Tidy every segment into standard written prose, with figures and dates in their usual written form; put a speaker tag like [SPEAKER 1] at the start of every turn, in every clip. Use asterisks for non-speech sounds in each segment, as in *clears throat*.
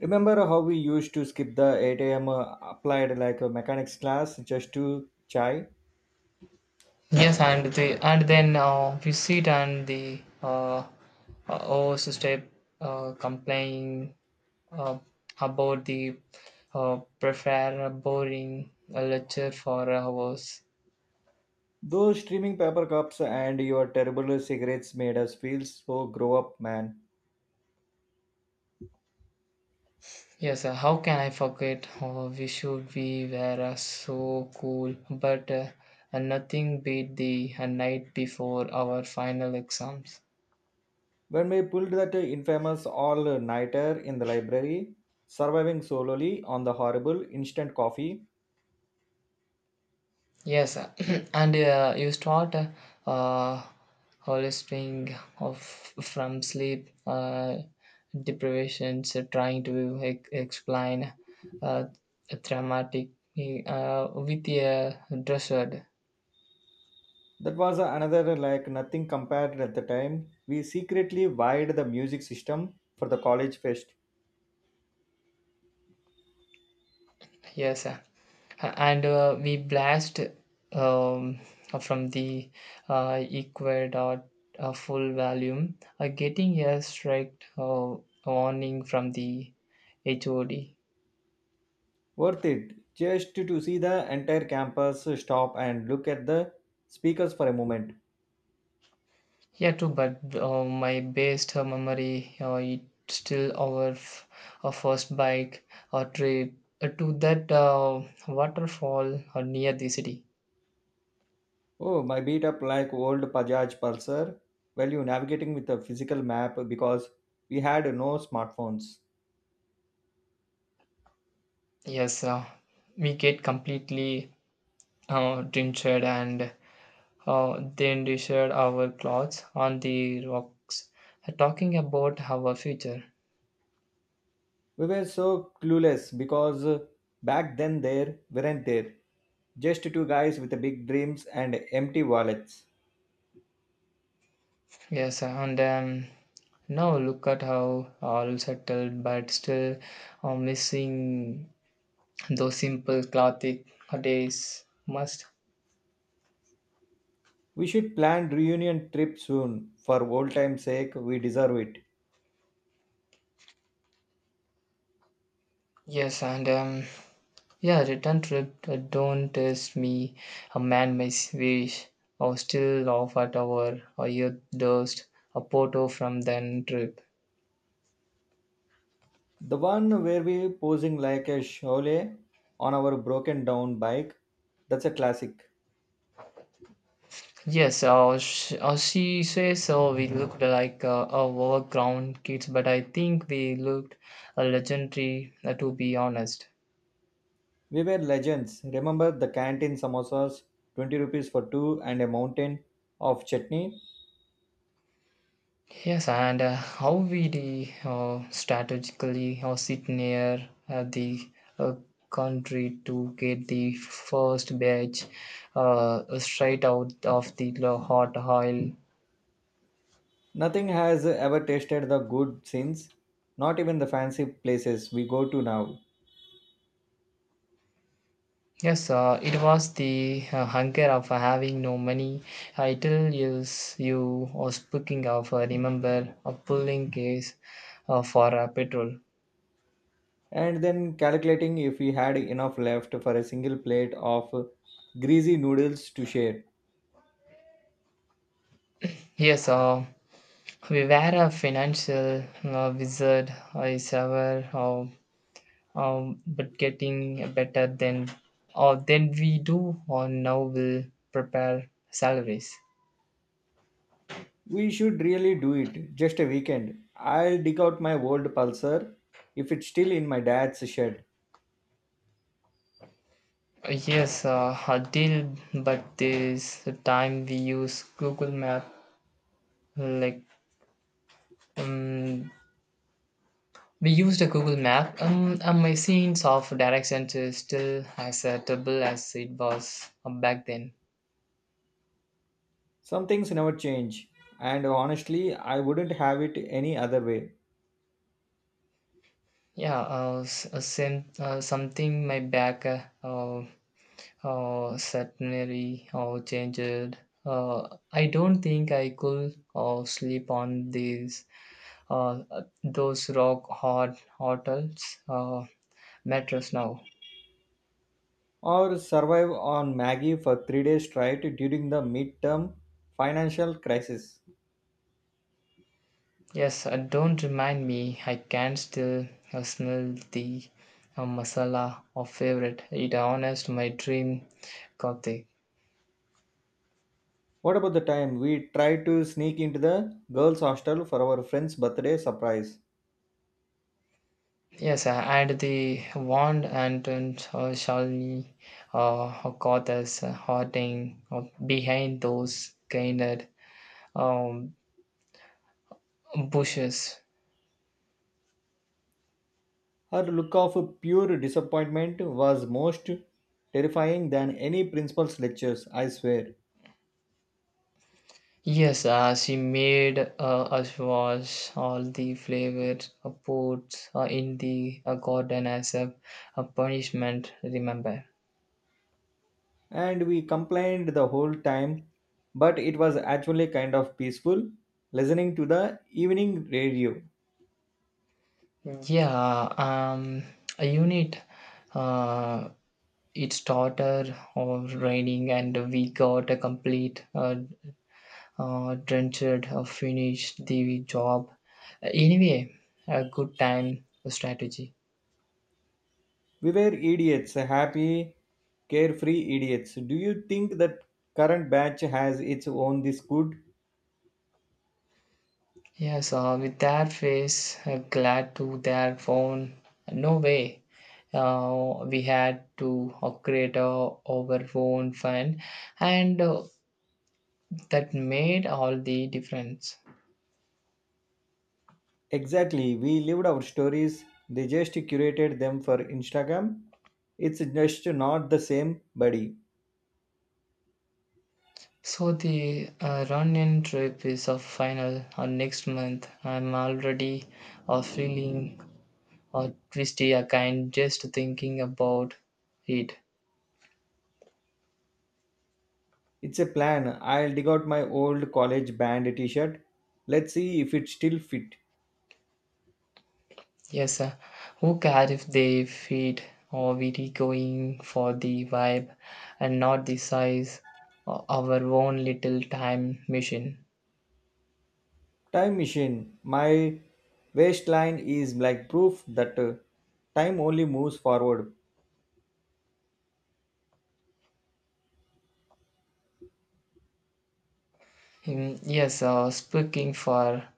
[SPEAKER 1] Remember how we used to skip the 8 a.m. Applied like a mechanics class just to chai?
[SPEAKER 2] Yes, and then we sit and the host step complaining, uh, about the prefer a boring lecture for hours.
[SPEAKER 1] Those streaming paper cups and your terrible cigarettes made us feel so grow up, man.
[SPEAKER 2] Yes, how can I forget? Oh, we should be were so cool, but nothing beat the night before our final exams.
[SPEAKER 1] When we pulled that infamous all nighter in the library, surviving solely on the horrible instant coffee,
[SPEAKER 2] Yes, *clears throat* and you start uh, holisting of from sleep deprivations, trying to explain uh, traumatic with a dresser.
[SPEAKER 1] that was another like nothing compared at the time. We secretly wired the music system for the college fest.
[SPEAKER 2] Yes, and we blast, um, from the Ecuador full volume, getting a strict warning from the HOD.
[SPEAKER 1] Worth it just to see the entire campus stop and look at the speakers for a moment.
[SPEAKER 2] Yeah, too, but my best memory, it's still our first bike trip to that waterfall near the city.
[SPEAKER 1] Oh, my beat up like old Pajaj Pulsar. Well, you navigating with a physical map because we had no smartphones.
[SPEAKER 2] Yes, we get completely drenched and then we shared our clothes on the rocks, talking about our future.
[SPEAKER 1] We were so clueless because back then there weren't there. Just two guys with big dreams and empty wallets.
[SPEAKER 2] Yes, and now look at how all settled, but still missing those simple classic days must.
[SPEAKER 1] We should plan reunion trip soon. For old time's sake, we deserve it.
[SPEAKER 2] Yes, and yeah, return trip. Don't test me, a man may wish, or still laugh at our or your dust, a photo from then trip.
[SPEAKER 1] The one where we posing like a shole on our broken down bike. That's a classic.
[SPEAKER 2] Yes, she says we looked like overgrown kids, but I think we looked legendary, to be honest.
[SPEAKER 1] We were legends. Remember the canteen samosas, 20 rupees for two and a mountain of chutney?
[SPEAKER 2] Yes, and how we strategically sit near the uh, country to get the first batch, straight out of the hot oil.
[SPEAKER 1] Nothing has ever tasted the good since. Not even the fancy places we go to now.
[SPEAKER 2] Yes, it was the hunger of having no money. I tell you, you or speaking of, remember a pulling case for petrol.
[SPEAKER 1] And then calculating if we had enough left for a single plate of greasy noodles to share.
[SPEAKER 2] Yes, we were a financial wizard. I sever. But getting better than or than we do or now will prepare salaries.
[SPEAKER 1] We should really do it. Just a weekend. I'll dig out my old pulsar if it's still in my dad's shed.
[SPEAKER 2] Yes, a deal, but this time we use Google Map. Like um, we used a Google Map. And my sense of directions is still as terrible as it was back then.
[SPEAKER 1] Some things never change. And honestly, I wouldn't have it any other way.
[SPEAKER 2] Yeah, same, something my back certainly or changed. I don't think I could sleep on these uh, those rock hard hotels mattress now.
[SPEAKER 1] Or survive on Maggie for 3 days straight during the midterm financial crisis.
[SPEAKER 2] Yes, don't remind me. I can still smell the masala of favorite. It honest my dream coffee.
[SPEAKER 1] What about the time we tried to sneak into the girls' hostel for our friend's birthday surprise?
[SPEAKER 2] Yes, and the wand and Shalini got us hiding behind those gained, um, bushes.
[SPEAKER 1] Her look of pure disappointment was most terrifying than any principal's lectures, I swear.
[SPEAKER 2] Yes, she made us wash all the flavored foods in the garden as a punishment, remember?
[SPEAKER 1] And we complained the whole time, but it was actually kind of peaceful listening to the evening radio.
[SPEAKER 2] Yeah, um, a unit, uh, it started raining and we got a complete Trenchard finished the job. Anyway, a good time strategy.
[SPEAKER 1] We were idiots, happy carefree idiots. Do you think that current batch has its own this good?
[SPEAKER 2] Yes, with that face, glad to their phone. No way. We had to create our own fund, and that made all the difference.
[SPEAKER 1] Exactly, we lived our stories. They just curated them for Instagram. It's just not the same, buddy.
[SPEAKER 2] So the run-in trip is a final next month. I'm already feeling or twisty a kind, just thinking about it.
[SPEAKER 1] It's a plan. I'll dig out my old college band t-shirt. Let's see if it's still fit.
[SPEAKER 2] Yes, sir. Who cares if they fit? Or we are going for the vibe and not the size? Our own little time machine.
[SPEAKER 1] Time machine. My waistline is like proof that time only moves forward.
[SPEAKER 2] Mm, yes, speaking for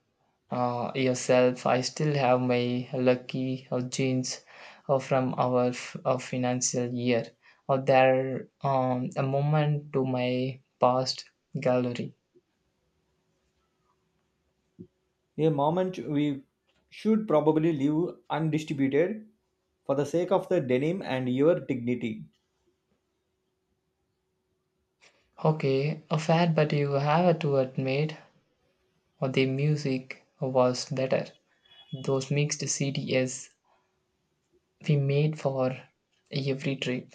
[SPEAKER 2] yourself, I still have my lucky jeans from our financial year. Or there, a moment to my past gallery.
[SPEAKER 1] A moment we should probably leave undistributed for the sake of the denim and your dignity.
[SPEAKER 2] Okay, a fair, but you have to admit the music was better. Those mixed CDs we made for every trip.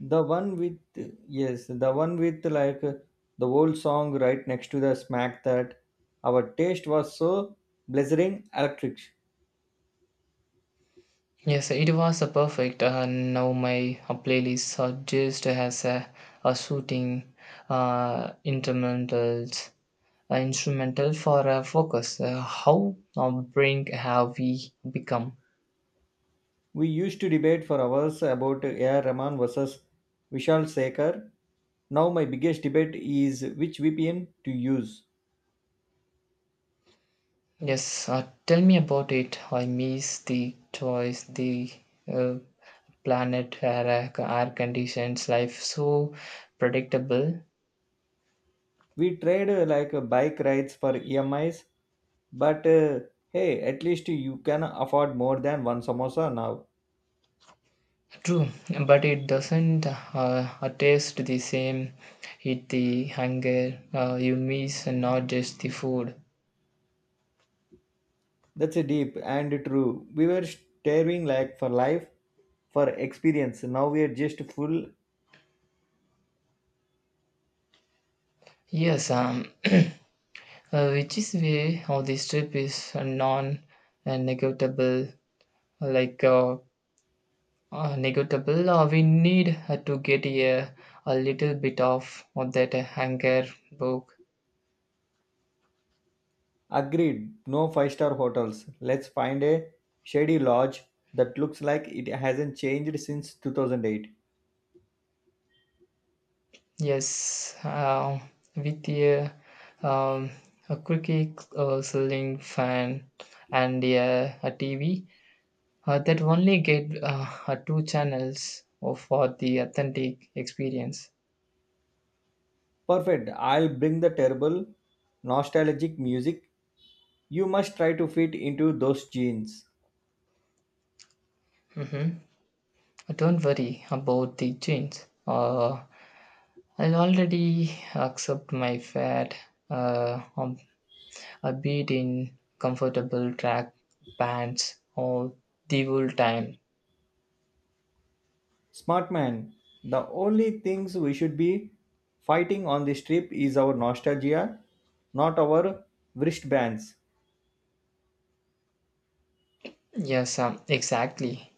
[SPEAKER 1] The one with, yes, the one with the old song right next to the smack that our taste was so blazing electric.
[SPEAKER 2] Yes, it was a perfect. Now my playlist just has a shooting instrumentals, instrumental for focus. How brink have we become?
[SPEAKER 1] We used to debate for hours about A.R. Rahman versus Vishal Sekar. Now my biggest debate is which VPN to use.
[SPEAKER 2] Yes, tell me about it. I miss the choice, the uh, planet, air, air conditions, life so predictable.
[SPEAKER 1] We trade bike rides for EMIs, but hey, at least you can afford more than one samosa now.
[SPEAKER 2] True, but it doesn't taste the same. It the hunger you miss, and not just the food.
[SPEAKER 1] That's a deep and true. We were staring like for life, for experience. Now we are just full.
[SPEAKER 2] Yes, *clears throat* which is why how this trip is non-negotiable. Like uh, Negotiable. We need to get a little bit of that anger book.
[SPEAKER 1] Agreed. No five-star hotels. Let's find a shady lodge that looks like it hasn't changed since 2008.
[SPEAKER 2] Yes, with um, a quickie selling fan and a TV that only get two channels for the authentic experience.
[SPEAKER 1] Perfect. I'll bring the terrible nostalgic music. You must try to fit into those jeans.
[SPEAKER 2] Mm-hmm. Ah, don't worry about the change. Uh, I'll already accept my fate on upbeat in comfortable track pants all the whole time.
[SPEAKER 1] Smart man, the only things we should be fighting on this trip is our nostalgia, not our wristbands.
[SPEAKER 2] Yes, exactly.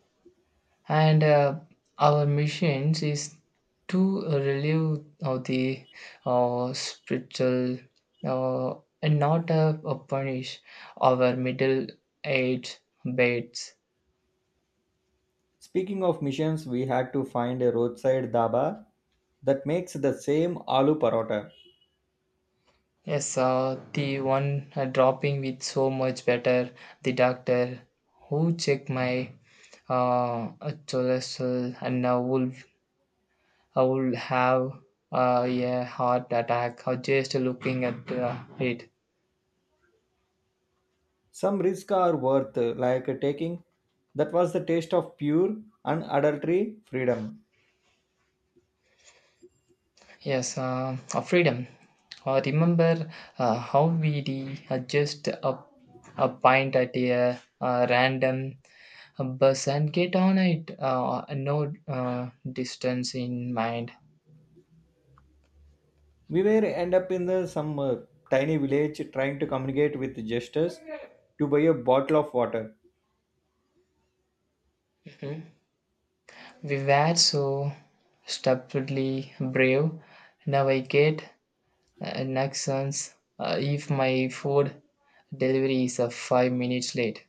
[SPEAKER 2] And our missions is to relieve of the spiritual uh, and not punish our middle age baits.
[SPEAKER 1] Speaking of missions, we had to find a roadside dhaba that makes the same aloo parota.
[SPEAKER 2] Yes, the one dropping with so much better, the doctor who checked my cholesterol and now will I would have a heart attack or just looking at it.
[SPEAKER 1] Some risks are worth like taking. That was the taste of pure, unadulterated freedom.
[SPEAKER 2] Yes, freedom. Remember how we just a pint at a, random bus and get on it, no distance in mind.
[SPEAKER 1] We were end up in the some tiny village trying to communicate with gestures to buy a bottle of water.
[SPEAKER 2] Mhm. We were so stupidly brave. Now I get an if my food delivery is 5 minutes late.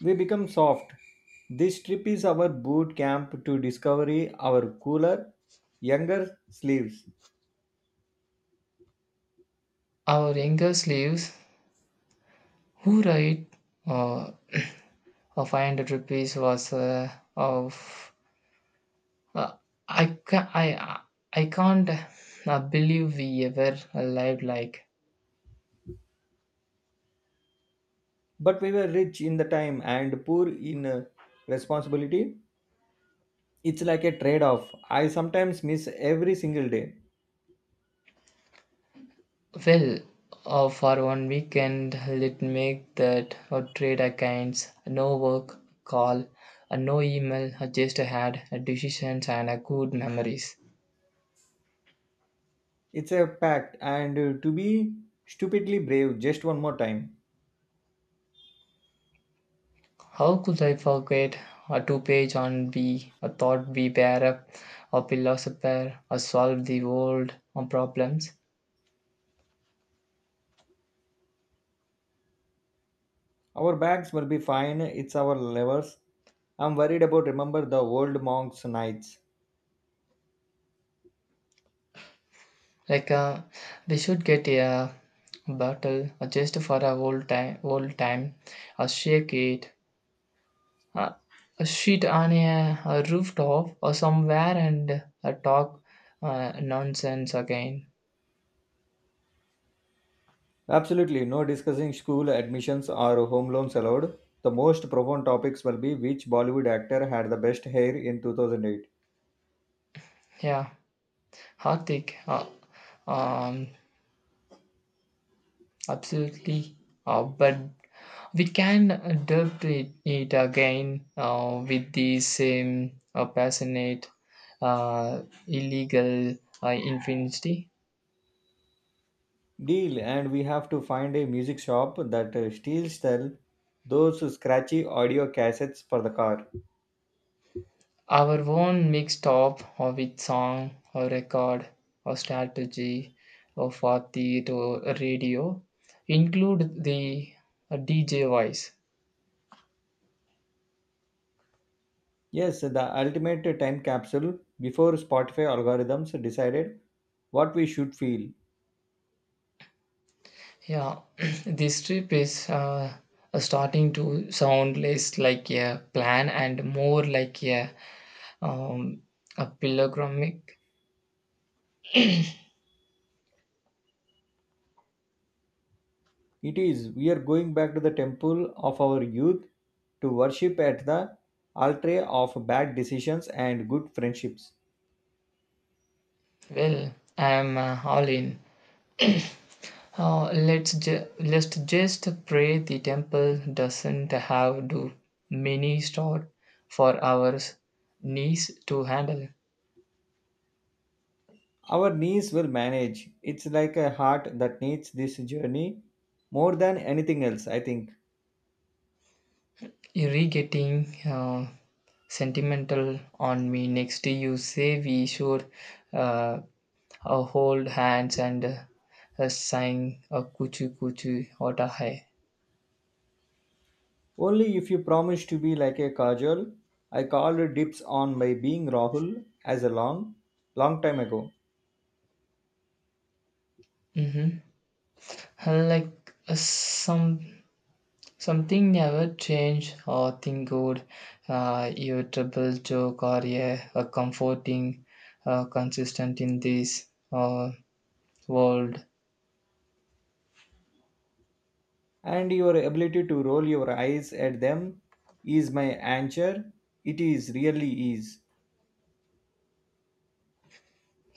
[SPEAKER 1] We become soft. This trip is our boot camp to discovery our cooler younger sleeves.
[SPEAKER 2] Our younger slaves who write uh, a 500 rupees was of uh, I, can I, I can't believe we ever lived like.
[SPEAKER 1] But we were rich in the time and poor in responsibility. It's like a trade off. I sometimes miss every single day.
[SPEAKER 2] Well, for one weekend let make that trade accounts no work call, no email, just had decisions and good memories.
[SPEAKER 1] It's a pact, and to be stupidly brave just one more time.
[SPEAKER 2] How could I forget a two page on be a thought be up a philosopher, a solve the world on problems?
[SPEAKER 1] Our bags will be fine, it's our levers. I'm worried about remember the old monks' nights.
[SPEAKER 2] Like uh, we should get a bottle just for a whole time, shake it, uh, a sheet on a rooftop or somewhere and talk nonsense again.
[SPEAKER 1] Absolutely, no discussing school admissions or home loans allowed. The most profound topics will be which Bollywood actor had the best hair in 2008.
[SPEAKER 2] Yeah, Hardik, um, absolutely. But we can it again with the same passionate, uh, illegal infinity.
[SPEAKER 1] Deal, and we have to find a music shop that still sell those scratchy audio cassettes for the car.
[SPEAKER 2] Our own mixed up with song or record or strategy or for the to radio include the DJ voice.
[SPEAKER 1] Yes, the ultimate time capsule before Spotify algorithms decided what we should feel.
[SPEAKER 2] Yeah, *clears throat* this trip is starting to sound less like a plan and more like a, Um, a pilgrimage.
[SPEAKER 1] It is, we are going back to the temple of our youth to worship at the altar of bad decisions and good friendships.
[SPEAKER 2] Well, I'm all in. *clears throat* Let's just pray the temple doesn't have too many stored for our knees to handle.
[SPEAKER 1] Our knees will manage. It's like a heart that needs this journey more than anything else, I think.
[SPEAKER 2] You're getting sentimental on me. Next, you say we should uh, hold hands and sing a kuchu kuchu or hai.
[SPEAKER 1] Only if you promise to be like a kajal, I called dips on my being Rahul as a long, long time ago.
[SPEAKER 2] Mm-hmm. Some something never change or think good, irritable joke or a comforting, consistent in this uh, world.
[SPEAKER 1] And your ability to roll your eyes at them is my answer. It is really is.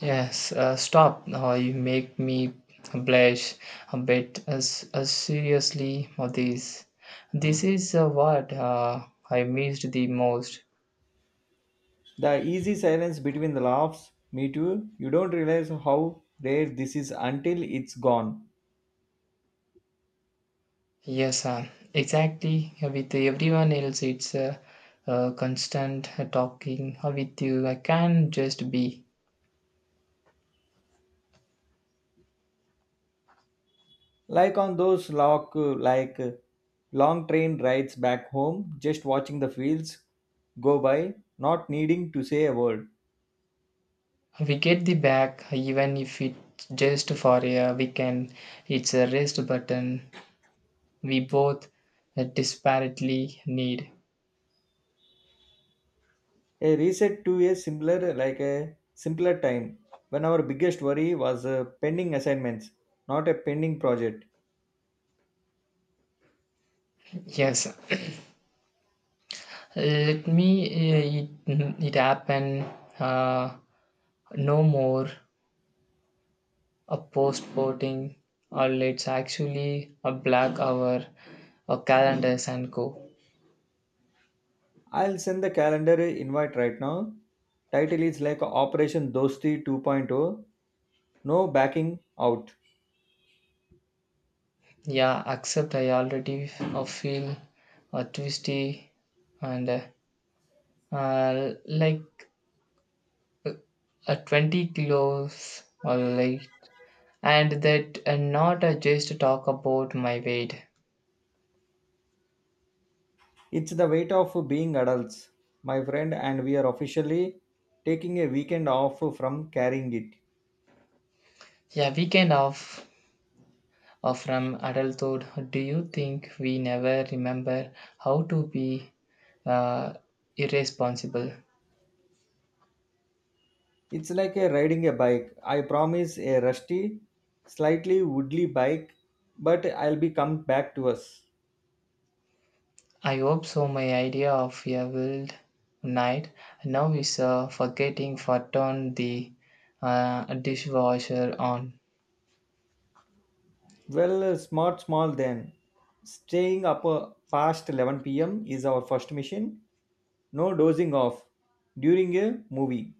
[SPEAKER 2] Yes, stop. You make me blush a bit as seriously for this. This is what I missed the most.
[SPEAKER 1] The easy silence between the laughs, me too, you don't realize how rare this is until it's gone.
[SPEAKER 2] Yes, exactly. With everyone else, it's constant talking. With you, I can just be.
[SPEAKER 1] Like on those lock, like long train rides back home, just watching the fields go by, not needing to say a word.
[SPEAKER 2] We get the back, even if it's just for a weekend, it's a rest button we both desperately need.
[SPEAKER 1] A reset to a simpler, like a simpler time when our biggest worry was pending assignments, not a pending project.
[SPEAKER 2] Yes, let me, it happen, uh, no more a postporting, or let's actually a black hour, or calendars and go.
[SPEAKER 1] I'll send the calendar invite right now. Title is like Operation Dosti 2.0, No Backing Out.
[SPEAKER 2] Yeah, except I already feel twisty and like 20 kilos or like and that and not just talk about my weight.
[SPEAKER 1] It's the weight of being adults, my friend, and we are officially taking a weekend off from carrying it.
[SPEAKER 2] Yeah, weekend off, from adulthood. Do you think we never remember how to be uh, irresponsible?
[SPEAKER 1] It's like a riding a bike. I promise a rusty, slightly woodly bike, but I'll be come back to us.
[SPEAKER 2] I hope so. My idea of a wild night now is forgetting for turn the dishwasher on.
[SPEAKER 1] Well, smart, small then. Staying up past 11 p.m. is our first mission. No dozing off during a movie.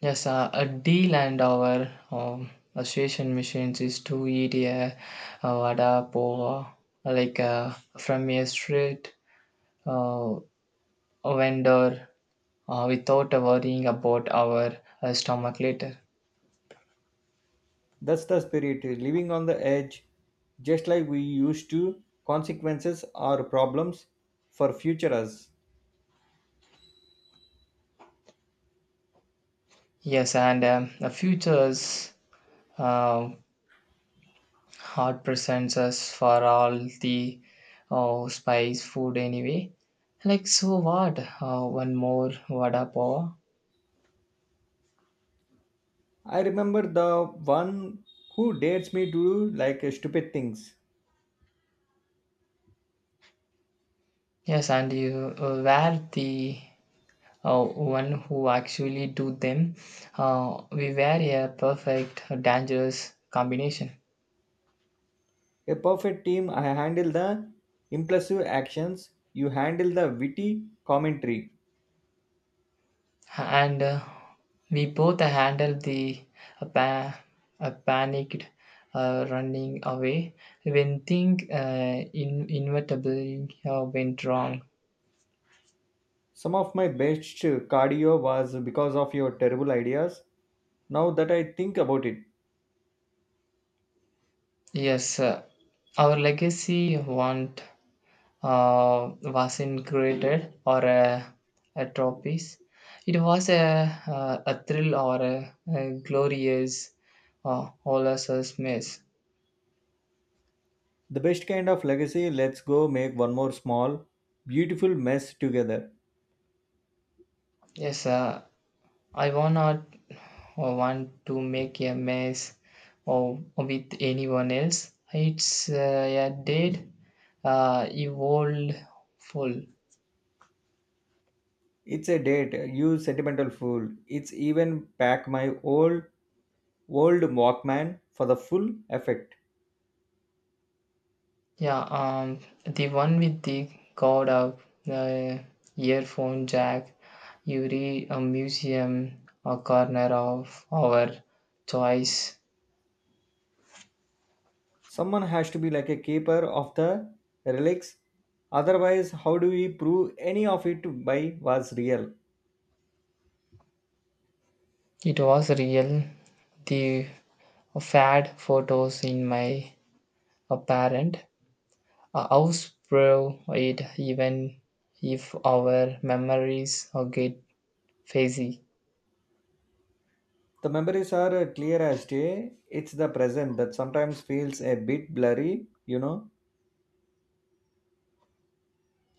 [SPEAKER 2] Yes, a deal and our association machines is to eat a vada pova, like uh, from a street uh, vendor without worrying about our stomach later.
[SPEAKER 1] That's the spirit, living on the edge, just like we used to. Consequences are problems for future us.
[SPEAKER 2] Yes, and the futures uh, hard presents us for all the spice food anyway. Like, so what? One more vada pova.
[SPEAKER 1] I remember the one who dares me to do stupid things.
[SPEAKER 2] Yes, and you wear the one who actually do them. We were a perfect, dangerous combination,
[SPEAKER 1] A perfect team, I handle the impulsive actions, you handle the witty commentary.
[SPEAKER 2] and we both handled the uh, pa- panicked running away when things inevitably went wrong.
[SPEAKER 1] Some of my best cardio was because of your terrible ideas. Now that I think about it,
[SPEAKER 2] Yes, our legacy won't was created or a trophies. It was a thrill or a glorious Olasus mess.
[SPEAKER 1] the best kind of legacy, let's go make one more small, beautiful mess together.
[SPEAKER 2] Yes, I want not want to make a mess or with anyone else. It's a dead, evolved full.
[SPEAKER 1] It's a date, you sentimental fool. It's even pack my old Walkman for the full effect.
[SPEAKER 2] Yeah, the one with the cord up, the earphone jack, you read a museum, a corner of our choice.
[SPEAKER 1] Someone has to be like a keeper of the relics. Otherwise, how do we prove any of it by was real?
[SPEAKER 2] It was real. The fad photos in my apparent a house prove it, even if our memories are get fuzzy.
[SPEAKER 1] The memories are clear as day. It's the present that sometimes feels a bit blurry,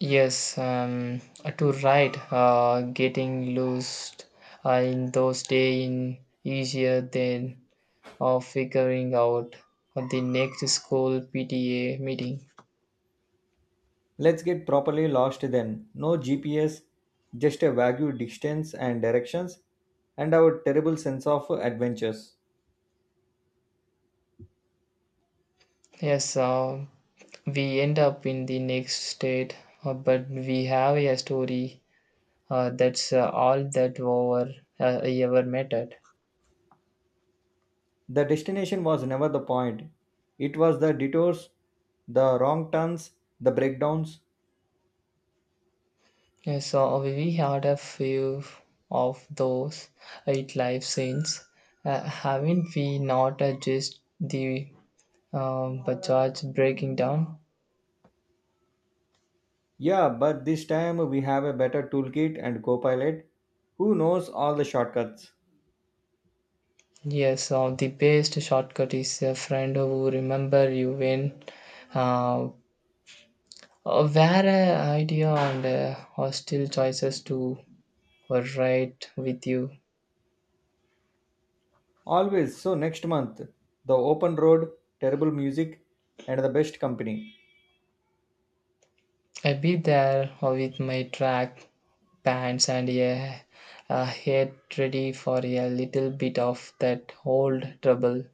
[SPEAKER 2] Yes, to write, getting lost in those days in easier than figuring out the next school PTA meeting.
[SPEAKER 1] Let's get properly lost then. No GPS, just a vague distance and directions, and our terrible sense of adventures.
[SPEAKER 2] Yes, we end up in the next state, but we have a story that's all that over ever mattered.
[SPEAKER 1] The destination was never the point. It was the detours, the wrong turns, the breakdowns.
[SPEAKER 2] Yes, so we had a few of those eight live scenes, haven't we? Not just the, Bajaj breaking down.
[SPEAKER 1] Yeah, but this time we have a better toolkit and co-pilot who knows all the shortcuts.
[SPEAKER 2] Yes, so the best shortcut is a friend who remember you when uh, where idea and hostile choices to were right with you.
[SPEAKER 1] Always. So next month, the open road, terrible music, and the best company.
[SPEAKER 2] I be there with my track pants and a head ready for a little bit of that old trouble.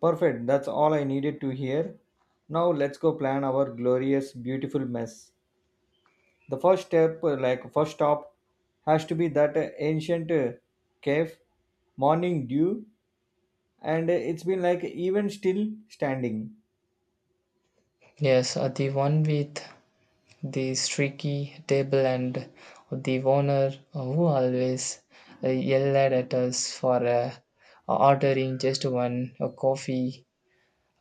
[SPEAKER 1] Perfect, that's all I needed to hear. Now let's go plan our glorious, beautiful mess. The first step, first stop, has to be that ancient cave, morning dew, and it's been like even still standing.
[SPEAKER 2] Yes, the one with the streaky table and the owner who always yelled at us for ordering just one coffee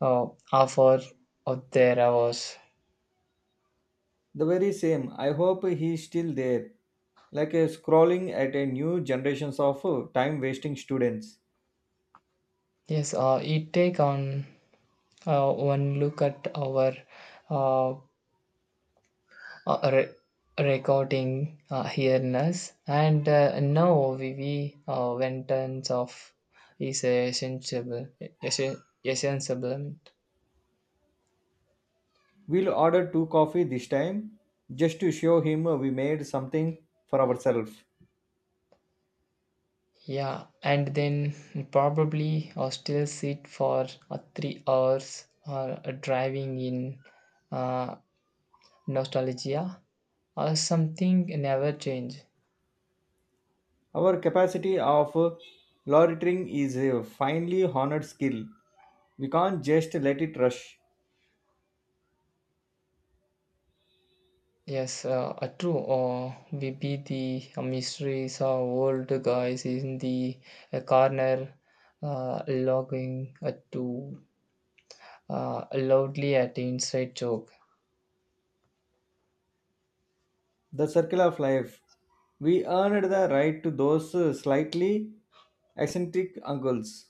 [SPEAKER 2] uh, offer of their hours.
[SPEAKER 1] The very same. I hope he's still there, scrolling at a new generations of time-wasting students.
[SPEAKER 2] Yes, it take on one look at our uh, uh, re- recording here-ness. And now we went tons of is essential, essential.
[SPEAKER 1] We'll order two coffee this time, just to show him we made something for ourselves.
[SPEAKER 2] Yeah, and then probably I'll still sit for 3 hours or driving in uh, nostalgia or something never change.
[SPEAKER 1] Our capacity of loitering is a finely honored skill. We can't just let it rush.
[SPEAKER 2] Yes, true. We be the mysteries of old guys in the corner, logging to loudly at inside joke.
[SPEAKER 1] The circle of life. We earned the right to those slightly eccentric uncles.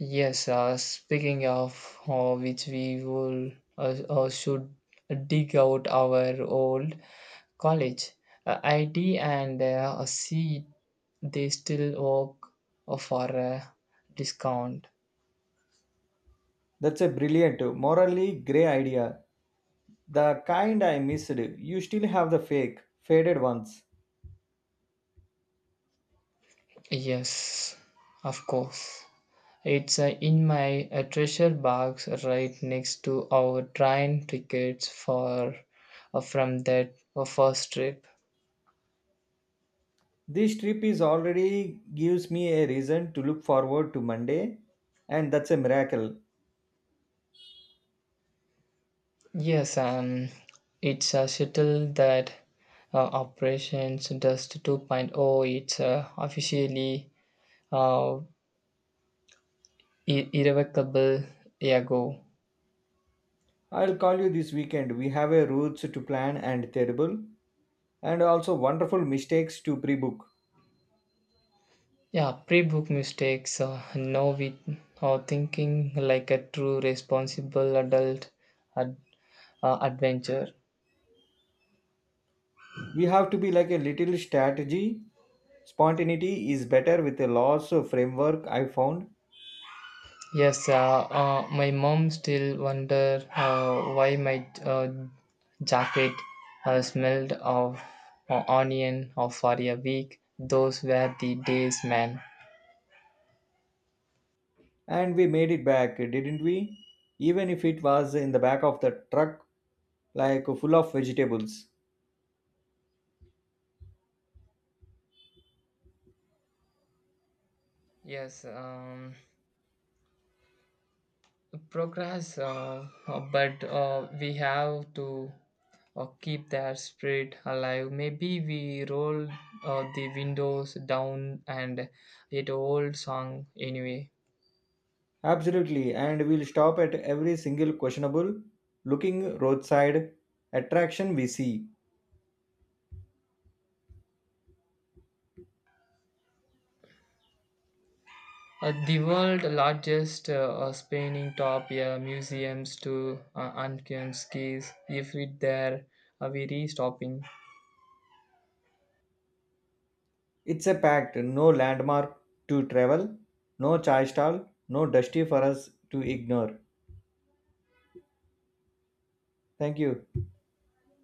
[SPEAKER 2] Yes, speaking of which, we will should dig out our old college ID and see they still work for a discount.
[SPEAKER 1] That's a brilliant, morally grey idea. The kind I missed. You still have the fake, faded ones.
[SPEAKER 2] Yes, of course. It's in my treasure box right next to our train tickets for from that first trip.
[SPEAKER 1] This trip is already gives me a reason to look forward to Monday, and that's a miracle.
[SPEAKER 2] Yes, it's a shuttle that uh, operations Dust 2.0. point oh. It's officially uh, irrevocable ago.
[SPEAKER 1] I'll call you this weekend. We have a routes to plan and terrible, and also wonderful mistakes to pre-book.
[SPEAKER 2] Yeah, pre-book mistakes. No, we are thinking like a true responsible adult ad- adventure.
[SPEAKER 1] We have to be like a little strategy. Spontaneity is better with a loss of framework. I found,
[SPEAKER 2] Yes, my mom still wonder why my jacket smelled of onion for a week. Those were the days, man.
[SPEAKER 1] and we made it back, didn't we? Even if it was in the back of the truck, like full of vegetables.
[SPEAKER 2] Yes, progress, but we have to keep that spirit alive. Maybe we roll the windows down and it old song anyway.
[SPEAKER 1] Absolutely, and we'll stop at every single questionable looking roadside attraction we see.
[SPEAKER 2] The world's largest spanning top yeah, museums to Ankian skis. If we there, we re-stopping.
[SPEAKER 1] It's a pact, no landmark to travel, no chai stall, no dusty for us to ignore. Thank you.